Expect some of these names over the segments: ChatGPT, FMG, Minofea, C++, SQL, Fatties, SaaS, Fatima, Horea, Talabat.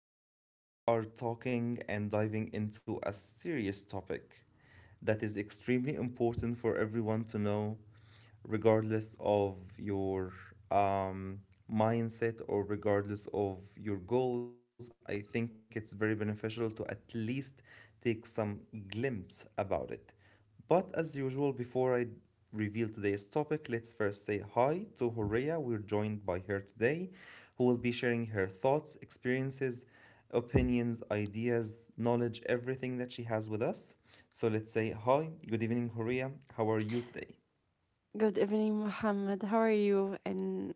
today we are talking and diving into a serious topic that is extremely important for everyone to know regardless of your um, mindset or regardless of your goals. I think it's very beneficial to at least take some glimpse about it. But as usual, before I reveal today's topic, let's first say hi to Horea. We're joined by her today, who will be sharing her thoughts, experiences, opinions, ideas, knowledge, everything that she has with us. So let's say hi, good evening, Horea. How are you today? Good evening, Mohammed. How are you? And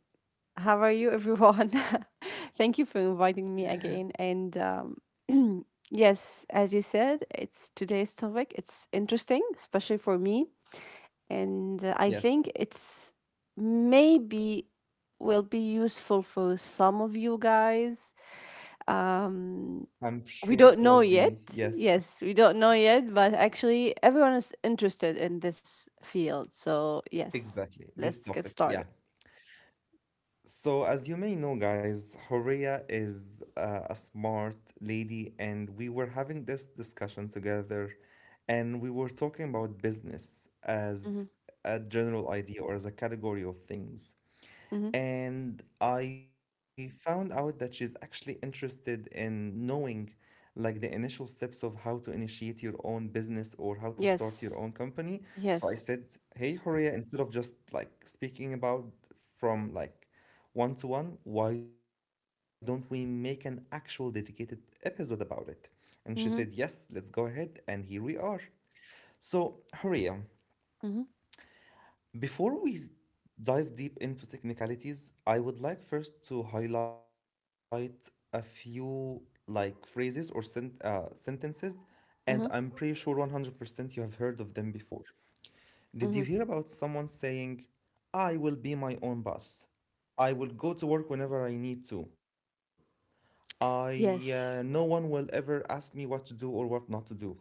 how are you, everyone? Thank you for inviting me again. And yes, as you said, it's today's topic. It's interesting, especially for me. And I Yes. think it's maybe will be useful for some of you guys. Um, I'm sure we it don't will know be. yet. Yes, Yes, we don't know yet, but actually, everyone is interested in this field. So, yes, exactly. This let's get topic, yeah. started. So, as you may know, guys, Horea is a smart lady, and we were having this discussion together, and we were talking about business as a general idea or as a category of things. Mm-hmm. And I found out that she's actually interested in knowing like the initial steps of how to initiate your own business or how to start your own Yes. company. So I Yes. said, "Hey, Horia, instead of just like speaking about from like one to one, why don't we make an actual dedicated episode about it?" And she said, "Yes, let's Mm-hmm. go ahead." And here we are. So, Horia, Mm-hmm. before we dive deep into technicalities, I would like first to highlight a few like phrases or sentences, and I'm Mm-hmm. pretty sure 100% you have heard of them before. Did you Mm-hmm. hear about someone saying, I will be my own boss? I will go to work whenever I need to. I No Yes. one will ever ask me what to do or what not to do.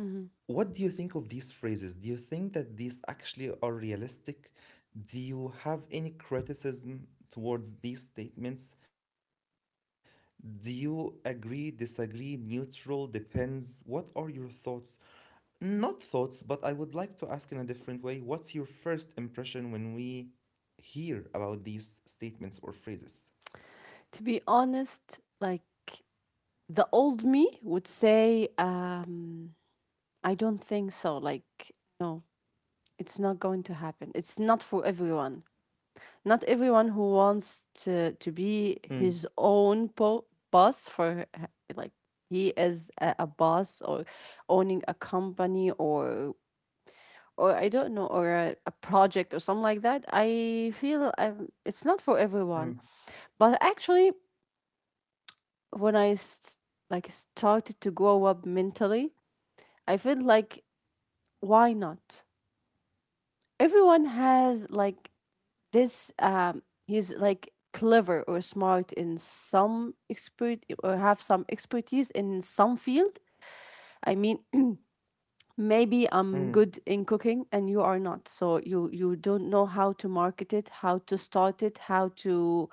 Mm-hmm. What do you think of these phrases? Do you think that these actually are realistic? Do you have any criticism towards these statements? Do you agree, disagree, neutral, depends? What are your thoughts? Not thoughts, but I would like to ask in a different way, what's your first impression when we hear about these statements or phrases? To be honest, like the old me would say, I don't think so. Like, no, it's not going to happen. It's not for everyone. Not everyone who wants to be his Mm, own boss for like he is a boss or owning a company or I don't know, or a project or something like that, I feel it's not for everyone. mm, But actually, when like started to grow up mentally, I feel like why not? Everyone has like this. He's like clever or smart in some expert or have some expertise in some field. I mean, maybe I'm mm, good in cooking and you are not. So you don't know how to market it, how to start it, how to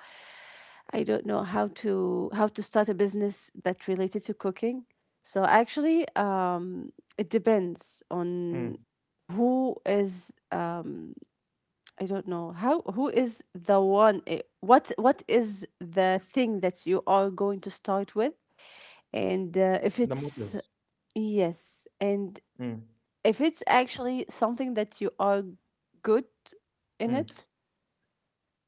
I don't know how to start a business that related to cooking. So actually, it depends mm. on who is I don't know how who is the one what is the thing that you are going to start with The and motive. if it's yes and Mm, if it's actually something that you are good in mm, it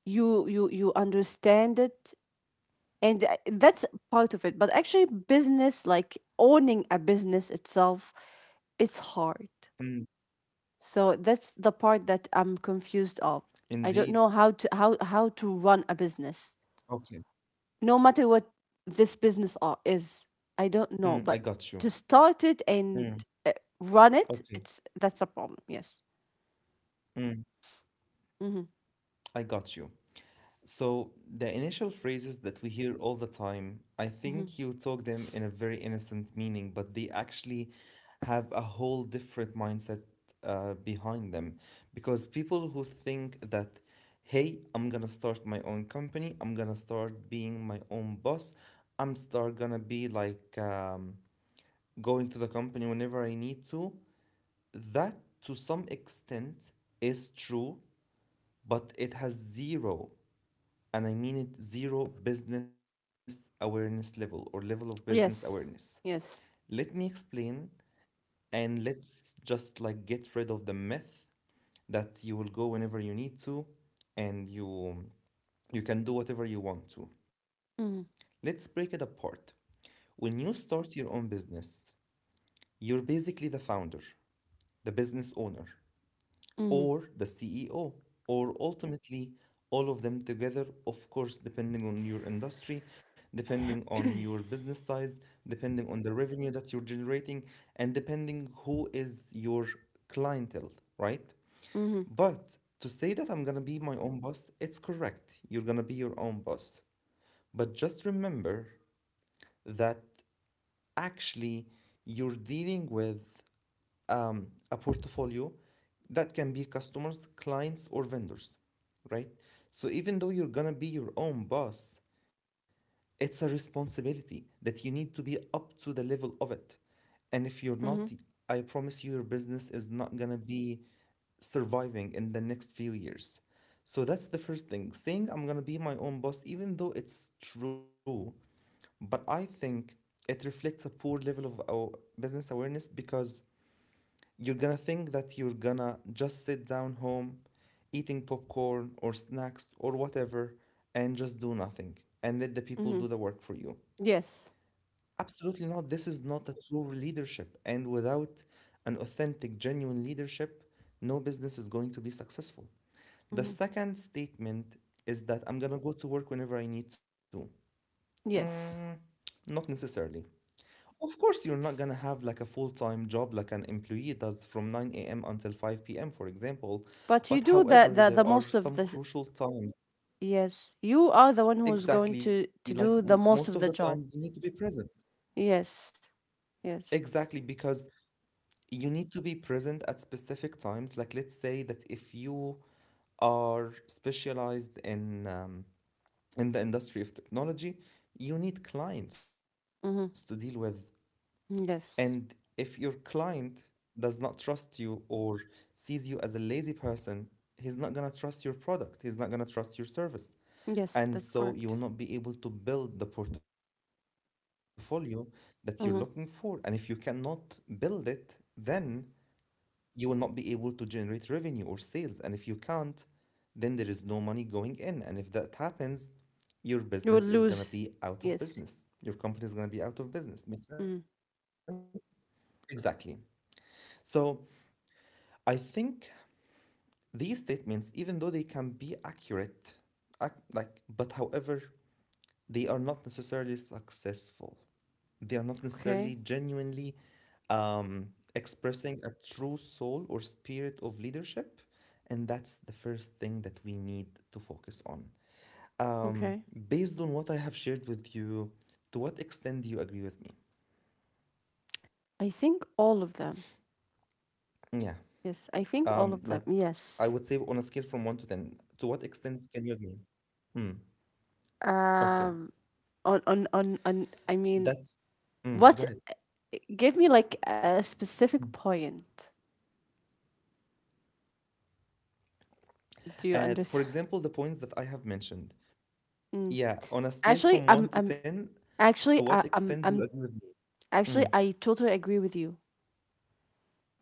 you understand it and that's part of it but actually business like owning a business itself it's hard mm. so that's the part that I'm confused of. I don't know Indeed. how to how to run a business no matter what this business is Mm, I I got don't you. know but to start Mm, it and uh, okay. run it, it's that's a problem. Yes. Mm, Mm-hmm. I got you. So the initial phrases that we hear all the time, I Mm-hmm. think you took them in a very innocent meaning, but they actually have a whole different mindset behind them. Because people who think that, hey, I'm gonna start my own company, I'm gonna start being my own boss, I'm start gonna be like going to the company whenever I need to. That to some extent is true, but it has zero, and I mean it, zero business awareness level or level of business awareness. Yes. Yes. Let me explain and let's just like get rid of the myth that you will go whenever you need to and you can do whatever you want to. Mhm. Let's break it apart. When you start your own business, you're basically the founder, the business owner, Mhm. or the CEO, or ultimately all of them together, of course, depending on your industry, depending on your business size, depending on the revenue that you're generating, and depending who is your clientele, right? Mhm. But to say that I'm gonna be my own boss, it's correct. You're gonna be your own boss. But just remember that actually you're dealing with a portfolio that can be customers, clients, or vendors, right? So even though you're gonna be your own boss, it's a responsibility that you need to be up to the level of it. And if you're not, Mhm. I promise you, your business is not gonna be surviving in the next few years. So that's the first thing. Saying I'm gonna be my own boss, even though it's true, but I think it reflects a poor level of our business awareness, because you're gonna think that you're gonna just sit down home, eating popcorn or snacks or whatever, and just do nothing and let the people Mhm. do the work for you. Yes. Absolutely not. This is not a true leadership. And without an authentic, genuine leadership, no business is going to be successful. The Mhm. second statement is that I'm gonna go to work whenever I need to. Yes. Mm, not necessarily. Of course, you're not gonna have like a full-time job like an employee does from 9 a.m. until 5 p.m., for example. But you But do the however, the there most are of some the. crucial times. Yes. You are the one who's going Exactly, to like to m do the most of most the of the times you job. need to be present. Yes. Yes. Exactly, because you need to be present at specific times. Like let's say that if you are specialized in the industry of technology, you need clients to deal with. Mhm. And if your Yes. client does not trust you or sees you as a lazy person, he's not going to trust your product, he's not going to trust your service. And Yes, so that's you will not correct. be able to build the portfolio that you're looking for. And if you cannot Mhm. build it, then you will not be able to generate revenue or sales. And if you can't, then there is no money going in. And if that happens, your business is going to You will be out lose. of business. Yes. Your company is going to be out of business. Make sense? Mm. Exactly. So I think these statements, even though they can be accurate, like, but however, they are not necessarily successful. They are not necessarily Okay. genuinely um, expressing a true soul or spirit of leadership. And that's the first thing that we need to focus on. Um, Okay. Based on what I have shared with you, to what extent do you agree with me? I think all of them. Yeah. Yes, Like, I think all of I them. would say on a scale Yes. from 1 to 10, to what extent can you agree? Hmm, okay. Um on I That's. mean. Go ahead. What? Give me like a specific point. Do you For understand? example, the points that I have mentioned. Mm. Yeah, on a scale Actually, from I'm. one to I'm. ten, to Actually, what I, I'm. extent do you I'm. agree with me? Mm, Actually, I totally agree with you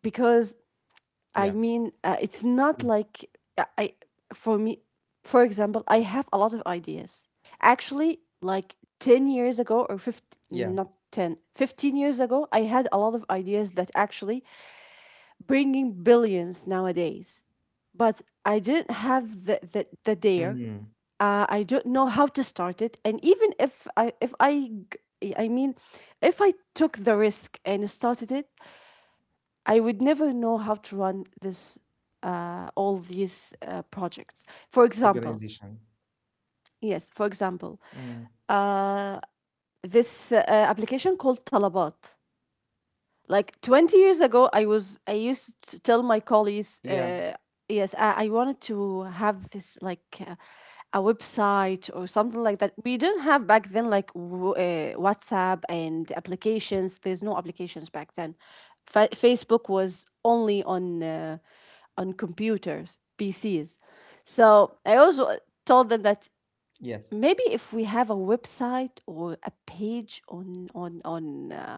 because I yeah. mean, it's not Mm, like I. For me, for example, I have a lot of ideas. Actually, like 10 years ago or yeah. 15, not 10, 15 years ago, I had a lot of ideas that actually bringing billions nowadays but I didn't have the dare, Mm, I don't know how to start it. And even if I, g- I mean, if I took the risk and started it, I would never know how to run this, all these projects. For example, organization. yes, for example, Mm, uh, this application called Talabat. Like 20 years ago, I yeah. used to tell my colleagues, yes, I wanted to have this like a website or something like that. We didn't have back then like WhatsApp and applications. There's no applications back then. Facebook was only on computers, PCs. So I also told them that Yes. maybe if we have a website or a page on on on uh,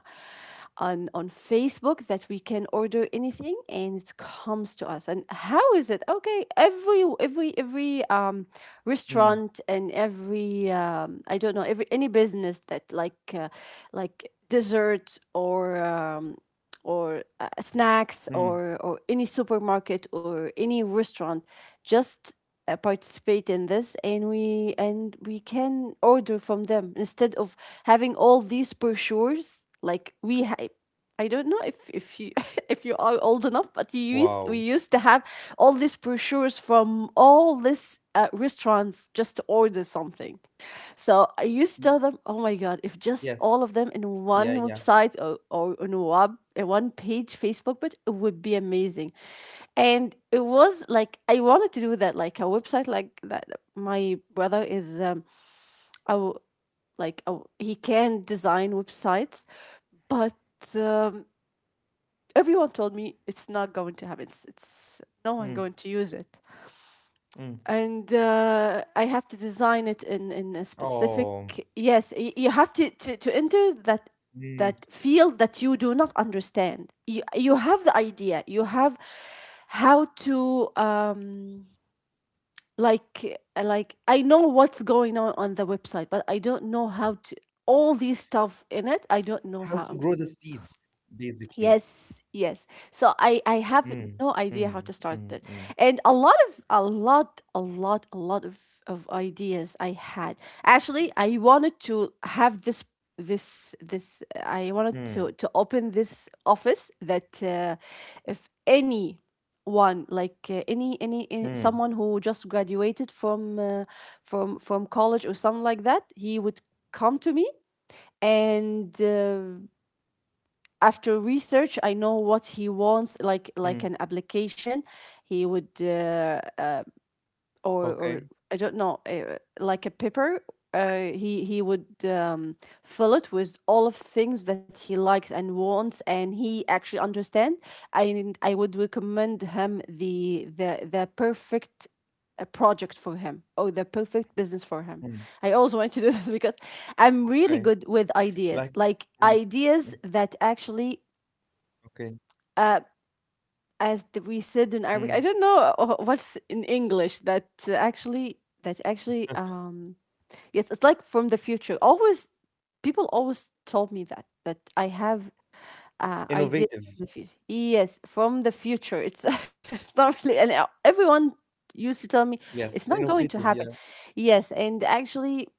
on on Facebook that we can order anything and it comes to us, and how is it okay every Mm, restaurant and every I don't know every any business that like desserts or mm, snacks or any supermarket or any restaurant just participate in this and we can order from them instead of having all these brochures like I don't know if you if you are old enough, but wow. you used we used to have all these brochures from all these restaurants just to order something. So I used to tell them, Yes. oh my God, if Yeah. just Yeah. all of them in one website or in one page, Facebook page, it would be amazing. And it was like, I wanted to do that, like a website like that. My brother is, a, he can design websites, but um, everyone told me it's not going to happen. It's Mm, no one going to use it. mm. And I have to design it in a specific. Oh. Yes, you have to enter Mm. that that field that you do not understand. You have the idea. You have how to like I know what's going on the website, but I don't know how to all these stuff How in to it. grow I the don't know seed, how. basically. Yes, yes. So I Mm, have no mm, idea how to mm, start mm, it. And a lot of a lot of ideas I had. Actually, I wanted to have this this mm, this I wanted to open this office that if any one like uh, any, any mm, any someone who just graduated from from college or something like that, he would come to me and after research I know what he wants, mm. Like an application he would Okay. or I don't know like a paper, he would fill it with all of things that he likes and wants and he actually understand, and I would recommend him the perfect a project for him or the perfect business for him. Mm, I always want to do this because okay. I'm really good Like, with ideas, mm, like mm, ideas that actually okay. uh, we said in Mm. Arabic, I don't know what's in English that actually yes, it's like from the future. Always people always told me that I have Innovative. Ideas from the future. Yes, from the future. It's it's not really and everyone used to tell me Yes, it's not innovative. going Yeah. to happen. Yes, and actually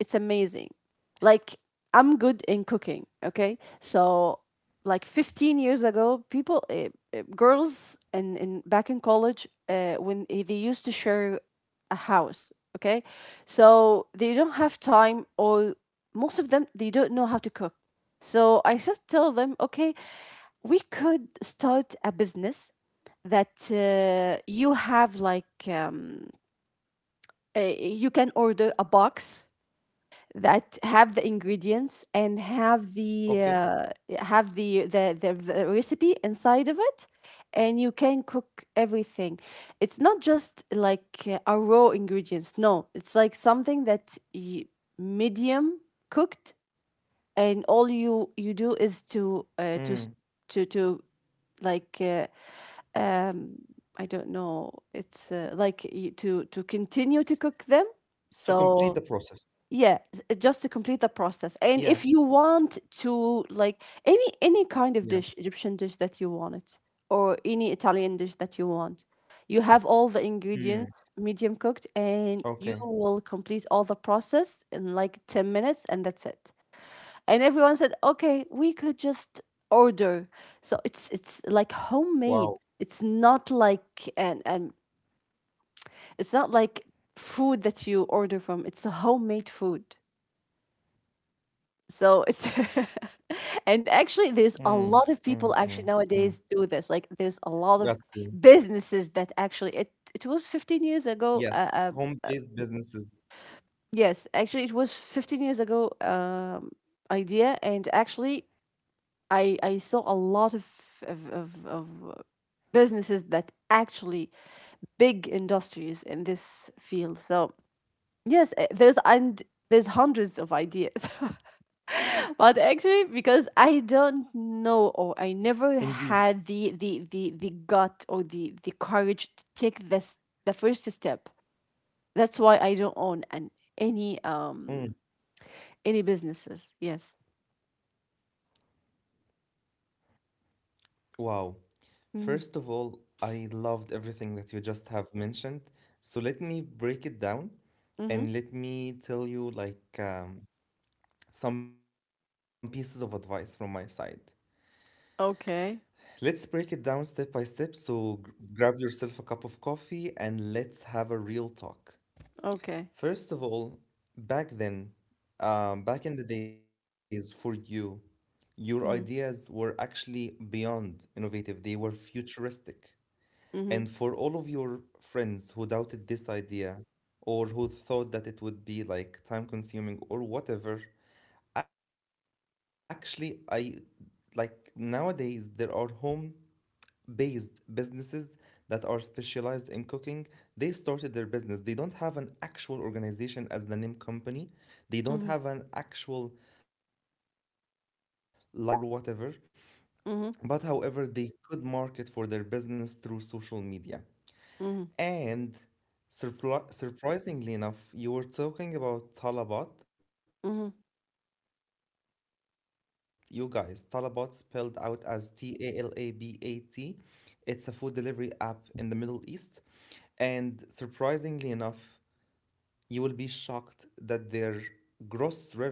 it's amazing. Like I'm good in cooking, okay? So like 15 years ago, people girls and in, back in college they used to share a house, okay? So they don't have time or most of them they don't know how to cook. So I just tell them, okay, we could start a business that you have like um, you can order a box that have the ingredients and Okay. have the have the recipe inside of it and you can cook everything. It's not just like a raw ingredients, no, it's like something that you medium cooked and all you you do is to Mm. To to like um I don't know it's like you, to continue to cook them. To So complete the process. yeah just to Yeah. complete the process, and if you want to like Yeah. any kind of dish Egyptian dish that you wanted or any Italian dish that you want, you have all the Mm. ingredients medium cooked and Okay. you will complete all the process in like 10 minutes and that's it. And everyone said okay we could just order, so Wow. It's like homemade, it's not like and it's not like food that you order from, it's a homemade food. So it's Mm. and Mm. actually Mm. there's a Mm. lot of people actually nowadays do Got this. Like you. there's a lot of businesses that actually it was 15 years Yes. ago Home-based businesses. yes, actually it was 15 years ago idea, and actually I saw a lot of of of, of uh, businesses that actually big industries in this field. So yes, there's hundreds of ideas. But actually, because I don't Indeed. know or I never had the gut or the courage to take this the first step. That's why I don't own an any Mm. um any businesses. Yes. Wow. First of all, Mm-hmm. I loved everything that you just have mentioned. So let me break it down and let Mm-hmm. me tell you like some pieces of advice from my side. Let's break it Okay. down step by step. So grab yourself a cup of coffee and let's have a real talk. First of Okay. all, back then, back in the days for you, your ideas were Mm-hmm. actually beyond innovative, they were futuristic. And for all of Mm-hmm. your friends who doubted this idea or who thought that it would be like time consuming or whatever, actually, I, like, nowadays there are home based businesses that are specialized in cooking. They started their business. They don't have an actual organization as the name company. They don't have an Mm-hmm. actual license number or tax verification id number or Mm-hmm. whatever, but however they could market for their business through social Mm-hmm. media. And surprisingly enough, you were talking about Mm-hmm. Talabat. You guys, Talabat spelled out as Talabat. It's a food delivery app in the Middle East. And surprisingly enough, you will be shocked that their gross revenue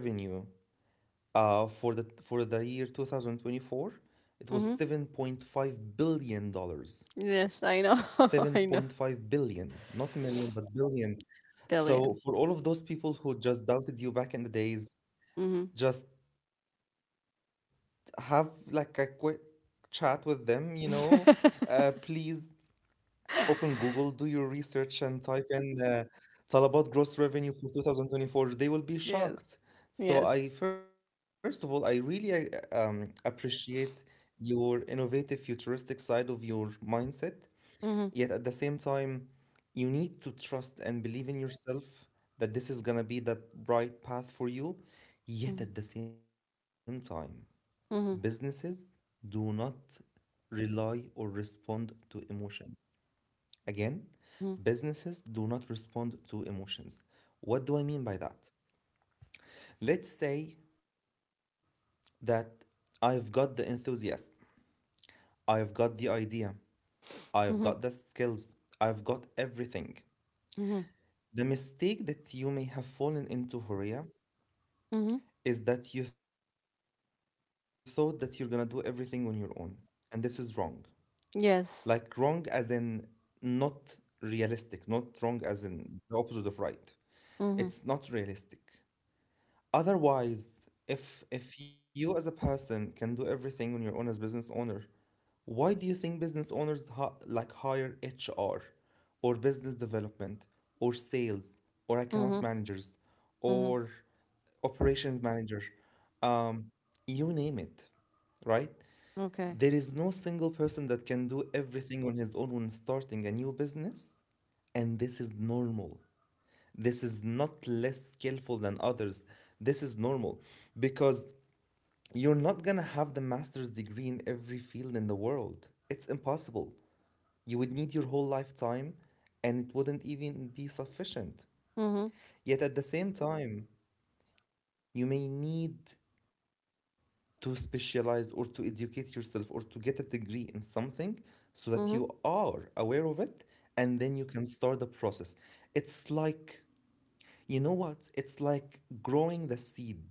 for the year 2024, it was 7.5 Mm-hmm. billion dollars Yes, I know. 7.5 I know. billion, not million, but billion. So for all of Billion. those people who just doubted you back in the days, Mm-hmm. just have like a quick chat with them, you know. Please open Google, do your research, and type in Talabat gross revenue for 2024. They will be shocked. So I, Yes. first of all, I Yes. really appreciate your innovative, futuristic side of your mindset. Yet at the same time, Mm-hmm. you need to trust and believe in yourself that this is gonna be the right path for you. Yet at the same time, businesses do Mm-hmm. not rely or respond to emotions. Again, businesses do not respond to emotions. What do I mean by that? Let's say that I've got the enthusiasm, I've got the idea, I've got the skills, Mm-hmm. I've got everything. The Mm-hmm. mistake that you may have fallen into, Horia, is Mm-hmm. that you thought that you're gonna do everything on your own. And this is wrong. Like, wrong as in not Yes. realistic, not wrong as in the opposite of right. It's not realistic. Mm-hmm. Otherwise, if you as a person can do everything on your own as business owner, why do you think business owners like hire HR or business development or sales or account managers Mm-hmm. or Mm-hmm. operations manager? Um, you name it, right? There is no Okay. single person that can do everything on his own when starting a new business, and this is normal. This is not less skillful than others. This is normal because you're not gonna have the master's degree in every field in the world. It's impossible. You would need your whole lifetime and it wouldn't even be sufficient. Mm-hmm. Yet at the same time, you may need to specialize or to educate yourself or to get a degree in something so that you Mm-hmm. are aware of it, and then you can start the process. It's like, you know what? It's like growing the seed.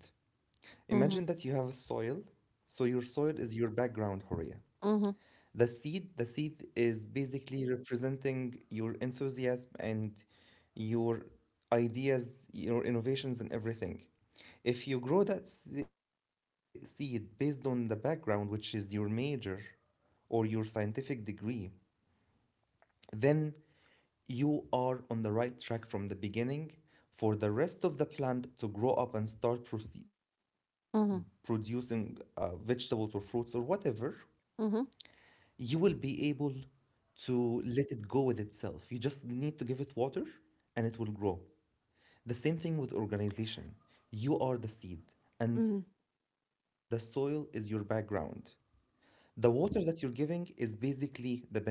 Mm-hmm. Imagine that you have a soil. So your soil is your background, Horia. Mm-hmm. The seed is basically representing your enthusiasm and your ideas, your innovations and everything. If you grow that seed based on the background, which is your major or your scientific degree, then you are on the right track from the beginning for the rest of the plant to grow up and start Mm-hmm. producing vegetables or fruits or whatever Mm-hmm. you will be able to let it go with itself. You just need to give it water and it will grow. The same thing with organization. You are the seed, Mm-hmm. and the soil is your background. The water that you're giving is basically the benefits,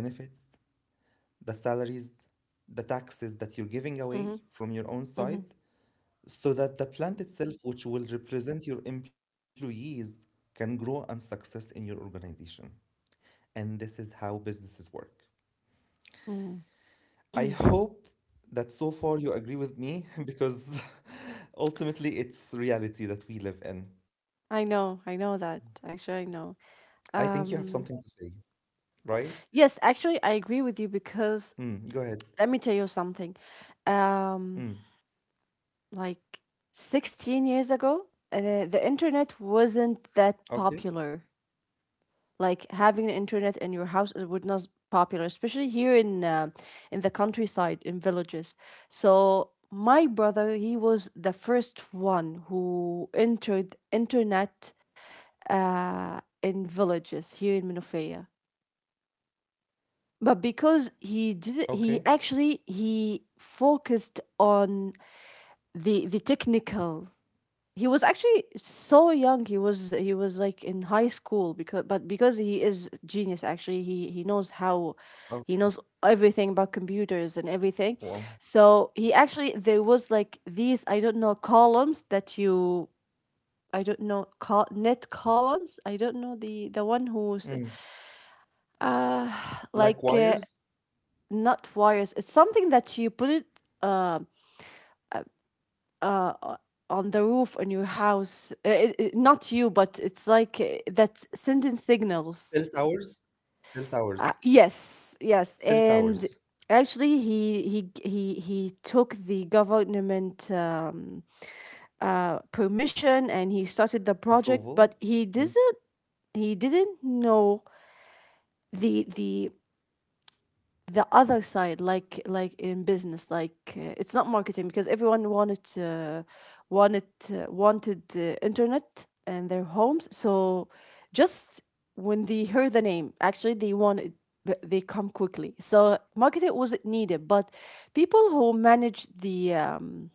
the salaries, the taxes that you're giving away Mm-hmm. from your own side Mm-hmm. so that the plant itself, which will represent your employees, can grow and success in your organization. And this is how businesses work. Mm-hmm. I hope that so far you agree with me because ultimately it's the reality that we live in. I know. I know that. Actually, I know. I think you have something to Um. say, right? Yes. Actually, I agree with you because Mm, go ahead. let me tell you something. Um. Mm, Like 16 years ago, the internet wasn't that popular. okay, Like having an internet in your house is would not popular, especially here in the countryside, in villages. So my brother, he was the first one who entered internet in villages here in Minofea. But because he did, he actually okay. he focused on the technical. He was actually so young, he was like in high school, because but because he is genius. Actually, he knows how, Oh. he knows everything about computers and everything. Wow. So he actually, there was like these, I don't know, columns that you, I don't know, net columns, I don't know, the one who's Mm, uh like like wires, not wires, it's something that you put it um uh, on the roof on your house. It- it- not you, but it's like, that's sending signals. cell towers, cell towers, Yes, yes, and cell towers. actually, he took the government permission and he started the project, Approval. but he Mm, doesn't he didn't know the the other side, like in business, like, it's not marketing because everyone wanted, wanted uh, internet in their homes. So just when they heard the name, actually they wanted, they come quickly, so marketing wasn't needed. But people who manage the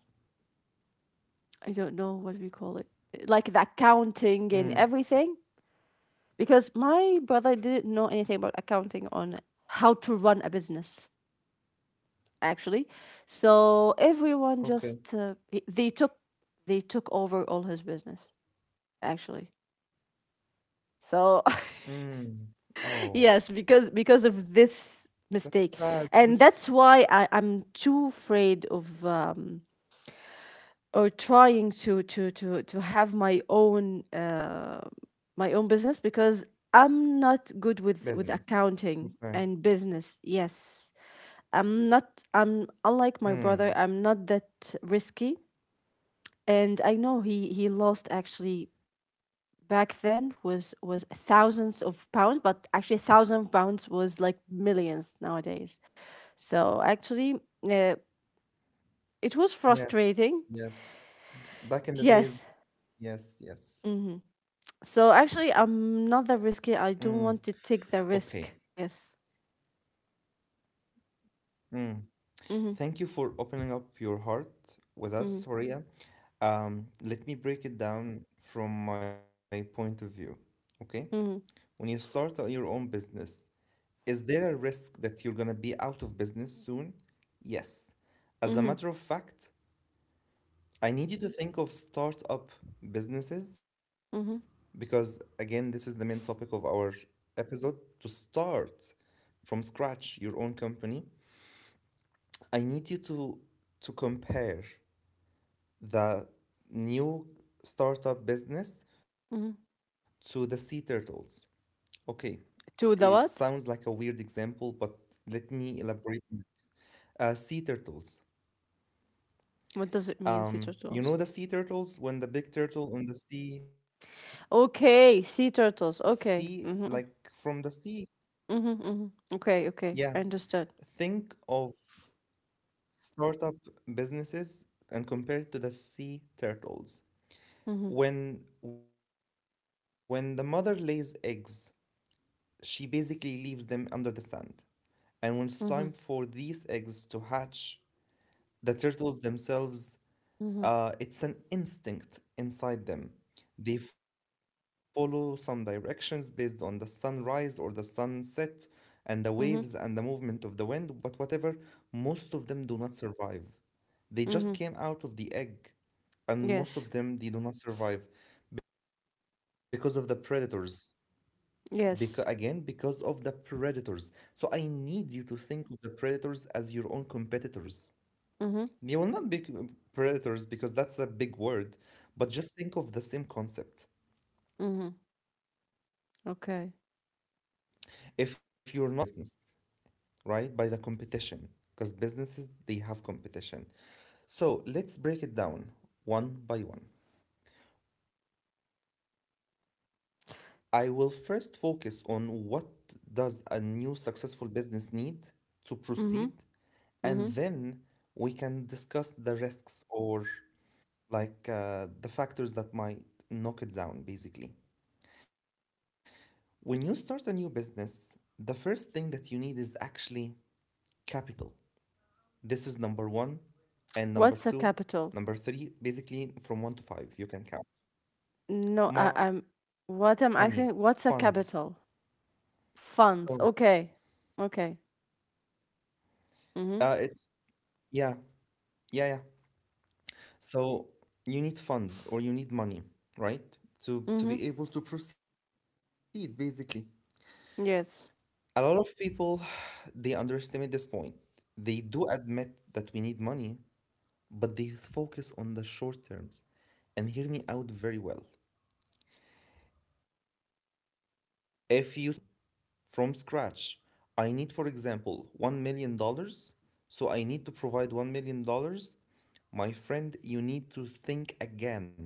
I don't know what we call it, like the mm, accounting and everything, because my brother didn't know anything about accounting, on how to run a business, actually. So everyone just, okay. they took, they took over all his business, actually. So Mm, oh, yes, because of this mistake, that's sad and that's why I'm too afraid of or trying to have my own, my own business, because I'm not good with business. accounting and Okay. business. Yes. I'm not I'm, unlike my brother, I'm Mm, not that risky. And I know he lost, actually, back then, was thousands of pounds, but actually thousand pounds was like millions nowadays. So actually, uh, it was frustrating. yes, yes. Back in the Yes. days. Yes, hmm yes. So actually, I'm not that Mm, risky. I don't want to okay. take the risk. Yes. Mm. Thank you Mm-hmm. for opening up your heart with us, Mm-hmm. Horia. Let me break it down from my point of view. Okay? When Mm-hmm. you start your own business, is there a risk that you're gonna be out of business soon? Yes. As a matter of Mm-hmm. fact, I need you to think of startup businesses Mm-hmm. because, again, this is the main topic of our episode to start from scratch your own company. I need you to compare the new startup business to Mm-hmm. the sea turtles. Okay, it sounds To like the a what? weird example, but let me elaborate. Sea turtles. What does it mean, sea You know the turtles? sea turtles, when the big turtle in the sea, Okay, sea turtles. sea Okay. like Mm-hmm. from the sea. Mm-hmm. Mm-hmm. Okay. Yeah, Okay. I understood. think of startup businesses and compare it to the sea turtles. Mhm. When the mother lays eggs, she basically leaves them under the sand. And when it's time for Mhm. these eggs to hatch, the turtles themselves, Mhm. It's an instinct inside them. They follow some directions based on the sunrise or the sunset and the waves and the Mhm. movement of the wind, but whatever, most of them do not survive. They just Mhm. came out of the egg, and Yes. most of them they do not survive because of the predators. Because again, Yes. because of the predators. So I need you to think of the predators as your own competitors. Mhm. They will not be predators because that's a big word, but just think of the same concept. Mhm. If you're not Okay. up to the game, they will basically knock down your business, right? By the competition. Because businesses, they have competition. So let's break it down one by one. I will first focus on what does a new successful business need to Mhm. proceed, Mhm. and then we can discuss the risks, or like the factors that might knock it down, basically. When you start a new business, the first thing that you need is actually capital. This is number one, What's a capital? and number two, number three, basically from one to five, you can No, count. I, I'm. What I'm asking? Money, What's a funds. capital? Funds. So Okay. Okay. Mhm. uh, it's, yeah, yeah, yeah. So you need funds or you need money, Mhm. right? To be able to proceed, basically. Yes. A lot of people they underestimate this point. They do admit that we need money, but they focus on the short terms. And hear me out very well. If you say that in order for me to start my own company, from scratch. I need, for example, $1 million dollars. So I need to provide $1 million dollars. My friend, you need to think again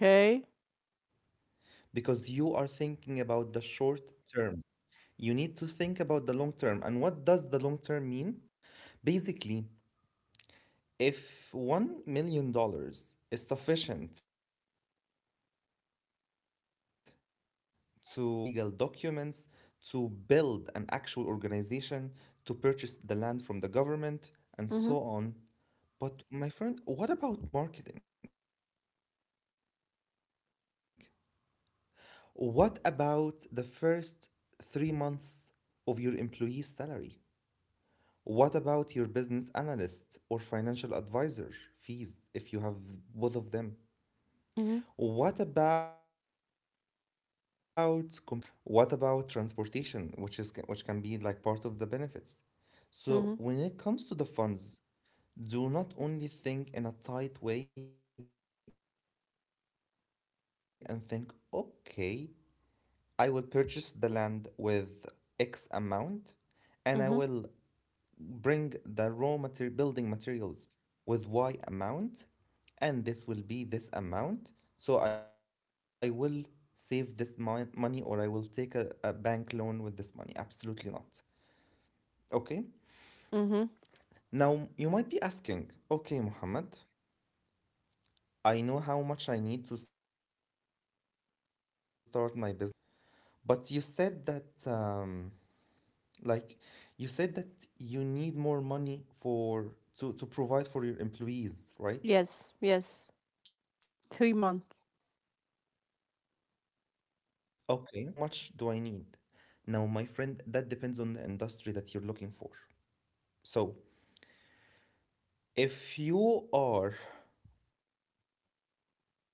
because you are thinking about the short term. You need to think about the long term. And what does the long term mean? Basically, if $1 million dollars is sufficient to start your own business, like to get your license, to get your legal documents, to build an actual organization, Mhm. to purchase the land from the government, and so on. But my friend, what about marketing? What about the first 3 months of your employee's salary? What about your business analyst or financial advisor fees if you have both of them? Mhm. What about compensations? What about benefits? What about transportation, which can be like part of the benefits? So Mhm. when it comes to the funds, do not only think in a tight way and think, okay, I will purchase the land with X amount, and I will bring the raw Mhm. Building materials with Y amount, and this will be this amount, so I will save this money, or I will take a bank loan with this money. Absolutely not. Okay, now you might be asking, Mhm. okay, Muhammad, I know how much I need to start my business, I know how much I need to put in the company, but you said that like you said that you need more money for to provide for your employees, right? Yes. Yes. Okay, 3 months. okay, that's right. How would I know? How much do I need? Now, my friend, that depends on the industry that you're looking for. So, if you are looking into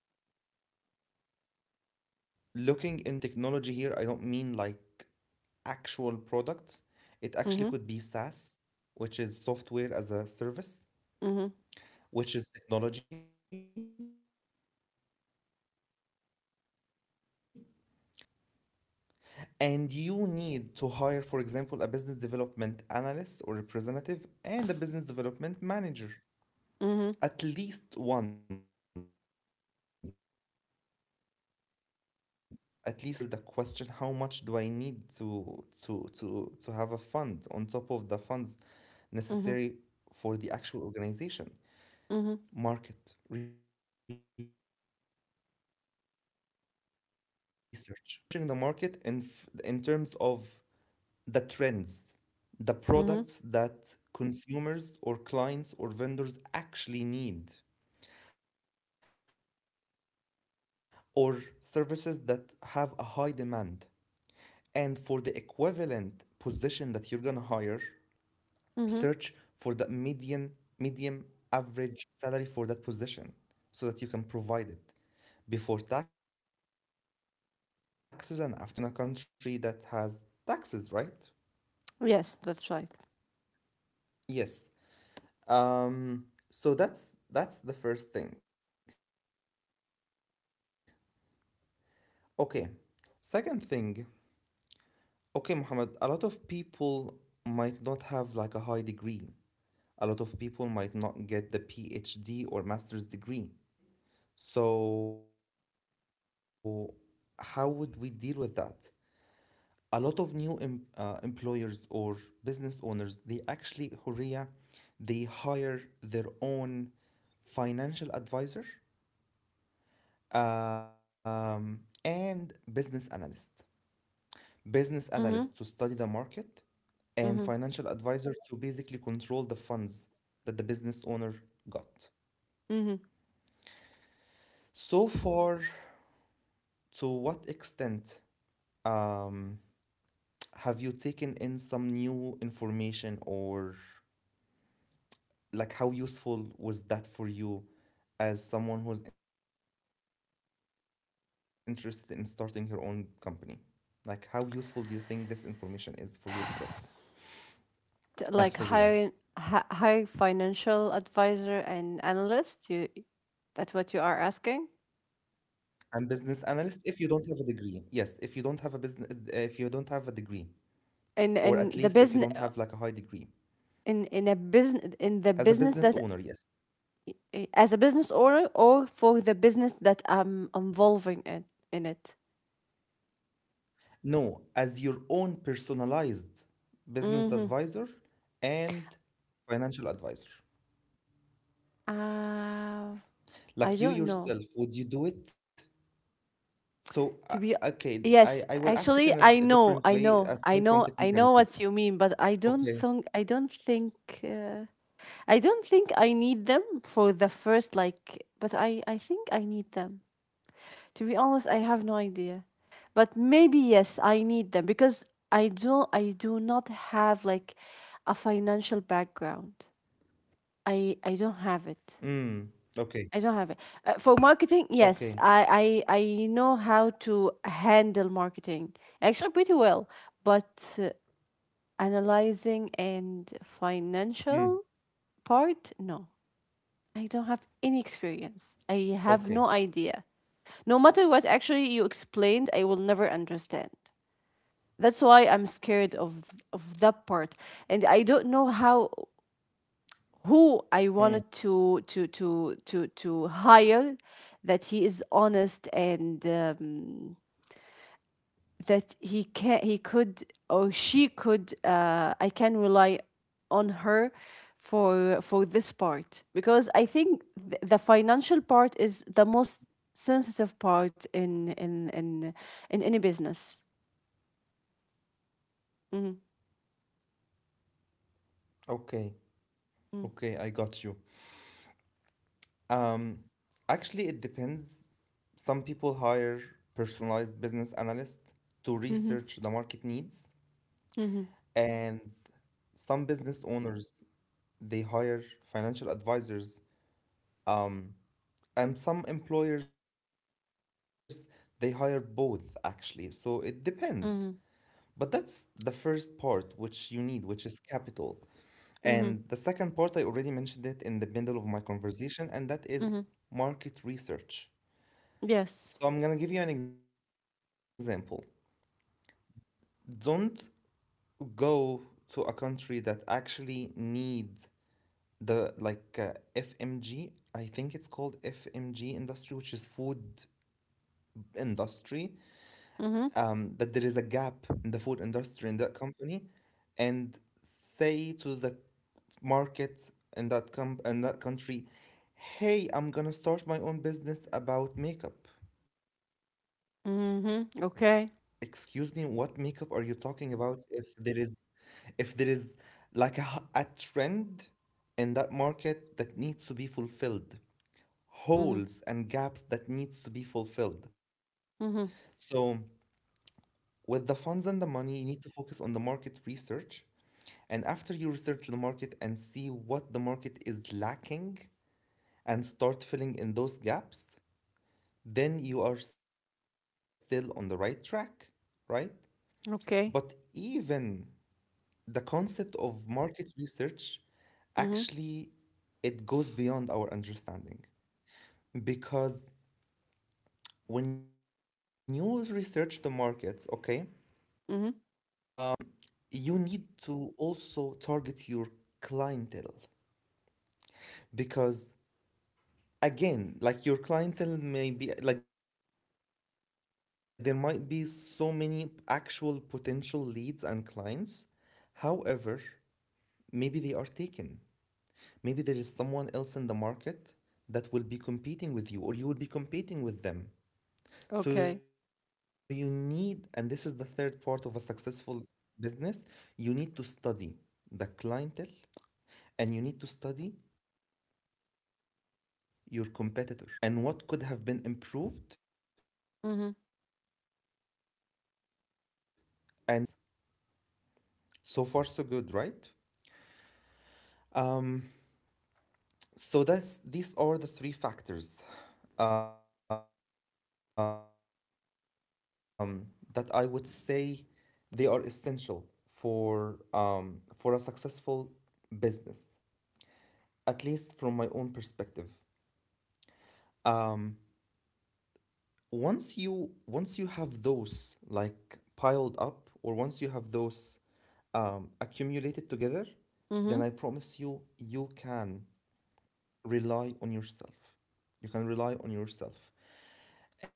the technology industry, and technology here, I don't mean like actual products, it actually Mhm. could be SaaS, which is software as a service, Mhm. which is technology, you need a business development department. And you need to hire, for example, a business development analyst or representative and a business development manager. Mhm. At least one, at least one employee. Okay, Mohammed, that doesn't answer the question, how much do I need to have a fund on top of the funds Mhm. necessary for the actual organization? Mhm. Market research. Let's say it again. Market research. Start researching the market in in terms of the trends, the Mhm. products that consumers or clients or vendors actually need, or services that have a high demand, and for the equivalent position that you're going to hire, search Mhm. for the median medium average salary for that position so that you can provide it before taxes and after taxes, of course, because Um, we live in a country that has taxes, right? Yes, that's right. Yes. Um, so that's the first thing. Okay. Second thing, okay, Muhammad, a lot of people might not have like a high degree. A lot of people might not get the PhD or master's degree. So how would we deal with that? A lot of new employers or business owners, they actually, Horia, they hire their own financial advisor, um, and business analyst to study the Mhm. market, and financial Mhm. advisor to basically control the funds that the business owner got Mhm. so far. To what extent, um, have you taken in some new information, or like how useful was that for you as someone who's interested in starting her own company? Like how useful do you think this information is for yourself as Horia? Like high, high financial advisor and analyst, you, that's what you are asking? And business analyst if you don't have a degree. Yes, if you don't have a business, if you don't have a degree, or at in least if you in the don't have business, like a high degree. In a business in the As a business business that, owner, yes. as a business owner or for the business that I'm involving in it. No, as your own personalized business Mm-hmm. advisor and financial advisor. uh, I Like you don't know. yourself, would you do it? So, To be, okay, I, yes, I will ask it in actually a I different know, I way know aside I from know I know technicalities. what you mean, but I don't Okay. think, uh, I don't think I need them for the first, like, but I think I need them. To be honest, I have no idea. But maybe yes, I need them because I do not have like a financial background. I don't have it. Mm, okay. I don't have it. For marketing, yes, Okay. I know how to handle marketing actually pretty well, but analyzing and Mm, financial part, no. I don't have any experience. I have okay. no idea. No matter what actually you explained, I will never understand. That's why I'm scared of that part. And I don't know how, who I wanted to to to Mm, to to hire, that he is honest and, that he can he could, or she could, I can rely on her for this part, because I think, the financial part is the most sensitive part in in any business. Mm-hmm. okay. Okay. I got you. Um, Actually, it depends. Some people hire personalized business analysts to research the Mm-hmm. market needs, Mm-hmm. and some business owners they hire financial advisors. Um, and some employers they hire both actually. So it depends. Mm-hmm. But Mm-hmm. that's the first part which you need, which is capital. And the Mm-hmm. second part, I already mentioned it in the bundle of my conversation, and that is Mm-hmm. market research. Yes. So I'm gonna give you an example. Don't go to a country that actually needs the FMG. I think it's called FMG industry, which is food industry, Mm-hmm. That there is a gap in the food industry in that company, and say to the market in that in that country, hey, I'm gonna start my own business about makeup. Mm-hmm. Okay. Excuse me, what makeup are you talking about? If there is like a trend in that market that needs to be fulfilled, Mm-hmm. holes and gaps that needs to be fulfilled. Mm-hmm. So with the funds and the money, you need to focus on the market research. And after you research the market and see what the market is lacking and start filling in those gaps, then you are still on the right track, right? But Okay. even the concept of market research actually, Mm-hmm. it goes beyond our understanding, because when you research the markets, okay, Mm-hmm. um, you need to also target your clientele. Because again, like, your clientele may be like, there might be so many actual potential leads and clients. However, maybe they are taken. Maybe there is someone else in the market that will be competing with you or you will be competing with them. So Okay. you need, and this is the third part of a successful business, you need to study the clientele and you need to study your competitor, see what the competitor has done and what could have been Mm-hmm. improved and start taking that from there and start pitching your sales. So far, so good, right? So that's these are the three factors um, that I would say they are essential for a successful business, at least from my own perspective. Um, once you have those like piled up, or once you have those accumulated together, Mm-hmm. then I promise you, you can rely on yourself. You can rely on yourself.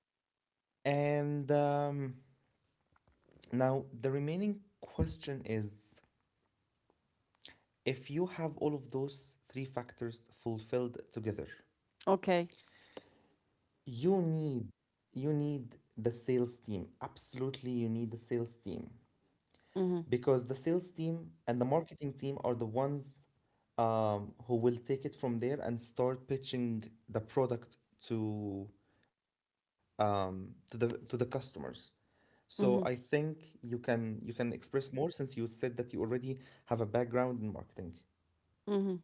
And now the remaining question is, if you have all of those three factors fulfilled together, Okay. you need, you need the sales team. Absolutely, you need the sales team, Mm-hmm. because the sales team and the marketing team are the ones, who will take it from there and start pitching the product to to the customers. So I Mm-hmm. think you can, you can express more, since you said that you already have a background in marketing. Mm-hmm.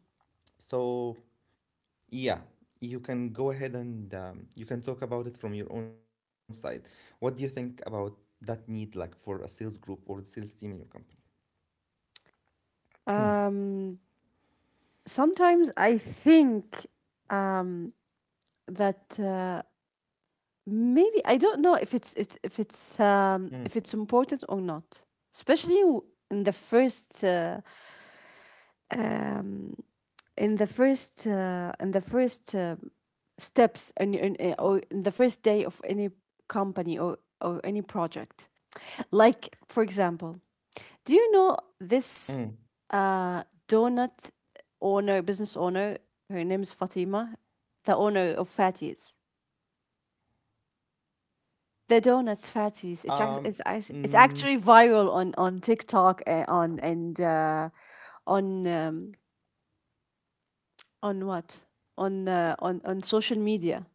So yeah, you can go ahead and you can talk about it from your own side. What do you think about that need, like, for a sales group or a sales team in your company? Um, Sometimes I think, um, that, maybe I don't know if it's it's if Mm. it's if it's important or not, especially, in the first, um, in the first, steps and in the first day of any company or any project. Like, for example, Mm. do you know this, donut owner, business owner? Her name is Fatima, the owner of Fatties. The donuts Um, Fatties. Mm, It's actually viral on TikTok and on, and, on um, on what on social media.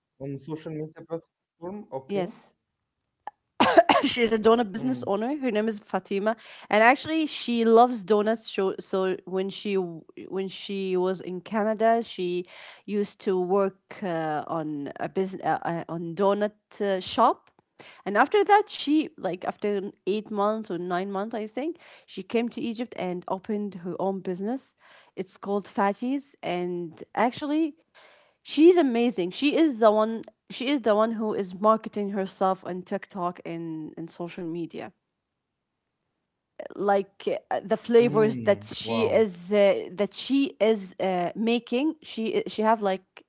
on social media platform, okay. Yes, she's a donut business Mm. owner. Her name is Fatima, and actually, she loves donuts. So, so when she was in Canada, she used to work, on a business on donut, shop. And after that, she like after 8 months or 9 months, I think, she came to Egypt and opened her own business. It's called Fatties, and actually, she's amazing. She is the one who is marketing herself on TikTok and social media. Like, the flavors that Mm, wow. She is, making, she have like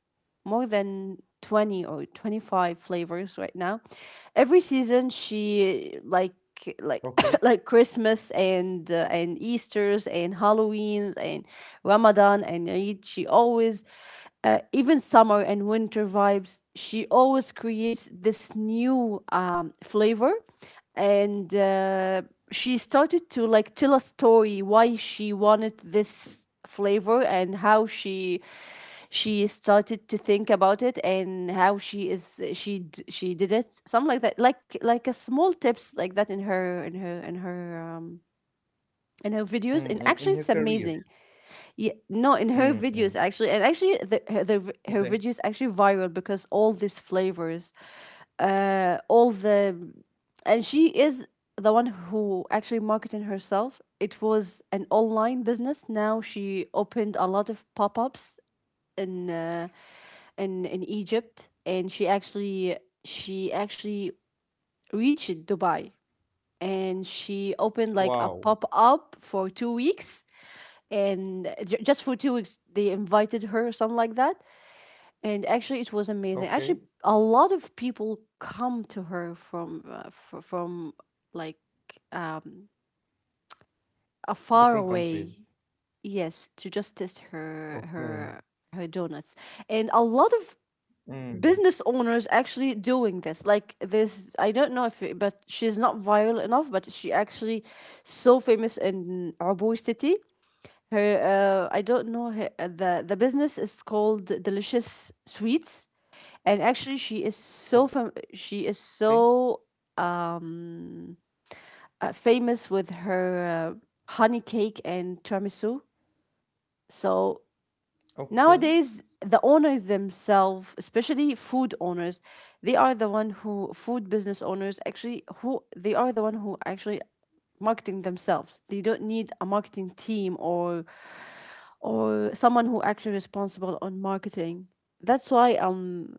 more than 20 or 25 flavors right now. Every season she like Okay. like like Christmas and, and Easter's and Halloween's and Ramadan and Eid, she always, even summer and winter vibes, she always creates this new, flavor. And, she started to, like, tell a story why she wanted this flavor, and how she started to think about it, and how she is, she did it, something like that, like a small tips like that in her in her, in her videos, and actually it's Mm, in amazing. her career. Yeah, no, in her videos actually, Mm, and mm. actually her videos actually Okay. viral because all these flavors, all the and she is the one who actually marketed herself. It was an online business. Now she opened a lot of pop-ups in, in Egypt, and she actually, she actually reached Dubai and she opened like a pop Wow. up for 2 weeks. And, just for 2 weeks they invited her, something like that. And actually it was amazing, actually a Okay. lot of people come to her from, from like, um a far Different away, countries. yes, to just test her, Okay. her donuts. And a lot of business Mm, owners actually doing this, like this, I don't know if it, but she's not viral enough, but she actually so famous in Abu city. Her, I don't know her, the business is called Delicious Sweets, and actually she is okay. she is so, um famous with her, honey cake and tiramisu. So Okay. nowadays, the owners themselves, especially food owners, they are the one who, food business owners actually, who, they are the one who actually marketing themselves. They don't need a marketing team or someone who actually responsible on marketing. That's why,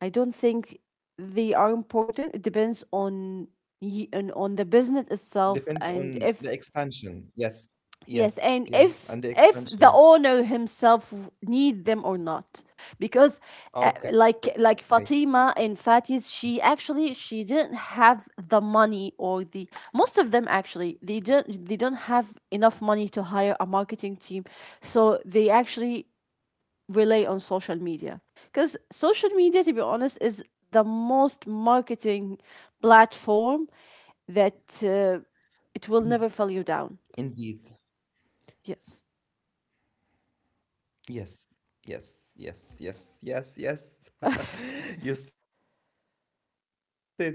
I don't think they are important. It depends on, Mm. On the business itself, and Depends if, on the expansion. yes, Yes. and if Yes. Yeah. if the And the owner expansion. himself need them or not, because, like Okay. Fatima and Fatis, she actually she didn't have the money, or the most of them actually they don't have enough money to hire a marketing team. So they actually rely on social media, because social media, to be honest, is the most marketing platform that, it will never fall you Indeed. down. Yes. Yes, yes, yes, yes, yes, yes. You said it right. Um,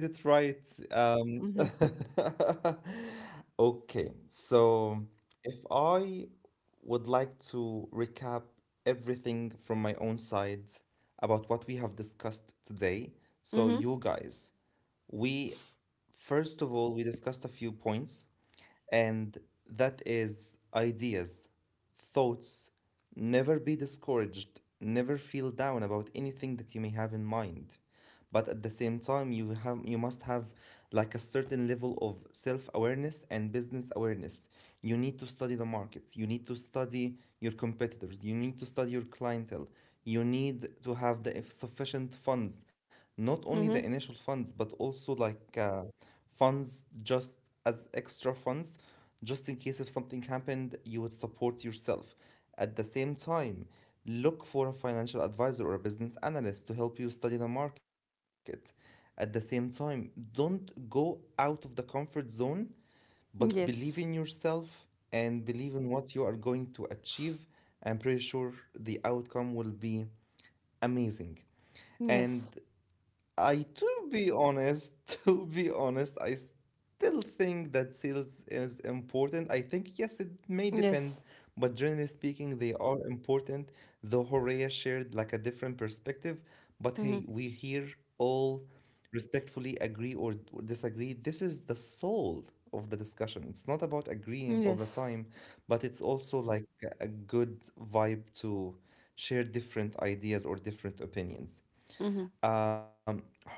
Mm-hmm. okay, so if I would like to recap everything from my own side about what we have discussed today, so you guys, Mhm. we, first of all, we discussed a few points, and that is ideas, thoughts. Never be discouraged, never feel down about anything that you may have in mind. But at the same time, you have, you must have like a certain level of self-awareness and business awareness. You need to study the markets, you need to study your competitors, you need to study your clientele. You need to have the sufficient funds, not only the Mhm. initial funds, but also like funds just as extra funds, just in case if something happened, you would support yourself. At the same time, look for a financial advisor or a business analyst to help you study the market. At the same time, don't go out of the comfort zone, but believe in Yes. yourself and believe in what you are going to achieve. I'm pretty sure the outcome will be amazing. Yes. And I, to be honest, to be honest, I still think that sales is important. I think, yes, it may depend, Yes. but generally speaking, they are important. Though Horea shared like a different perspective, but hey, Mhm. we here all respectfully agree or disagree. This is the soul of the discussion. It's not about agreeing all the Yes. time, but it's also like a good vibe to share different ideas or different opinions. Mhm. Um, Horea,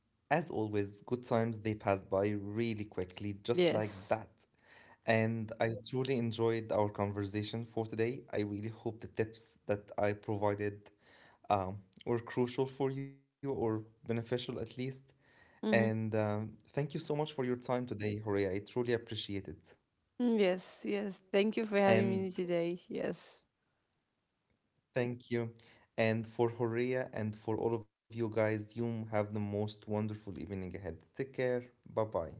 as always, good times, they pass by really quickly, just like Yes. that. And I truly enjoyed our conversation for today. I really hope the tips that I provided um, were crucial for you or beneficial at least. And Mhm. Thank you so much for your time today, Horea. I truly appreciate it. Yes. Yes. Thank you for having And me today. Yes. thank you. And for Horea and for all of you guys, you have the most wonderful evening ahead. Take care. Bye bye.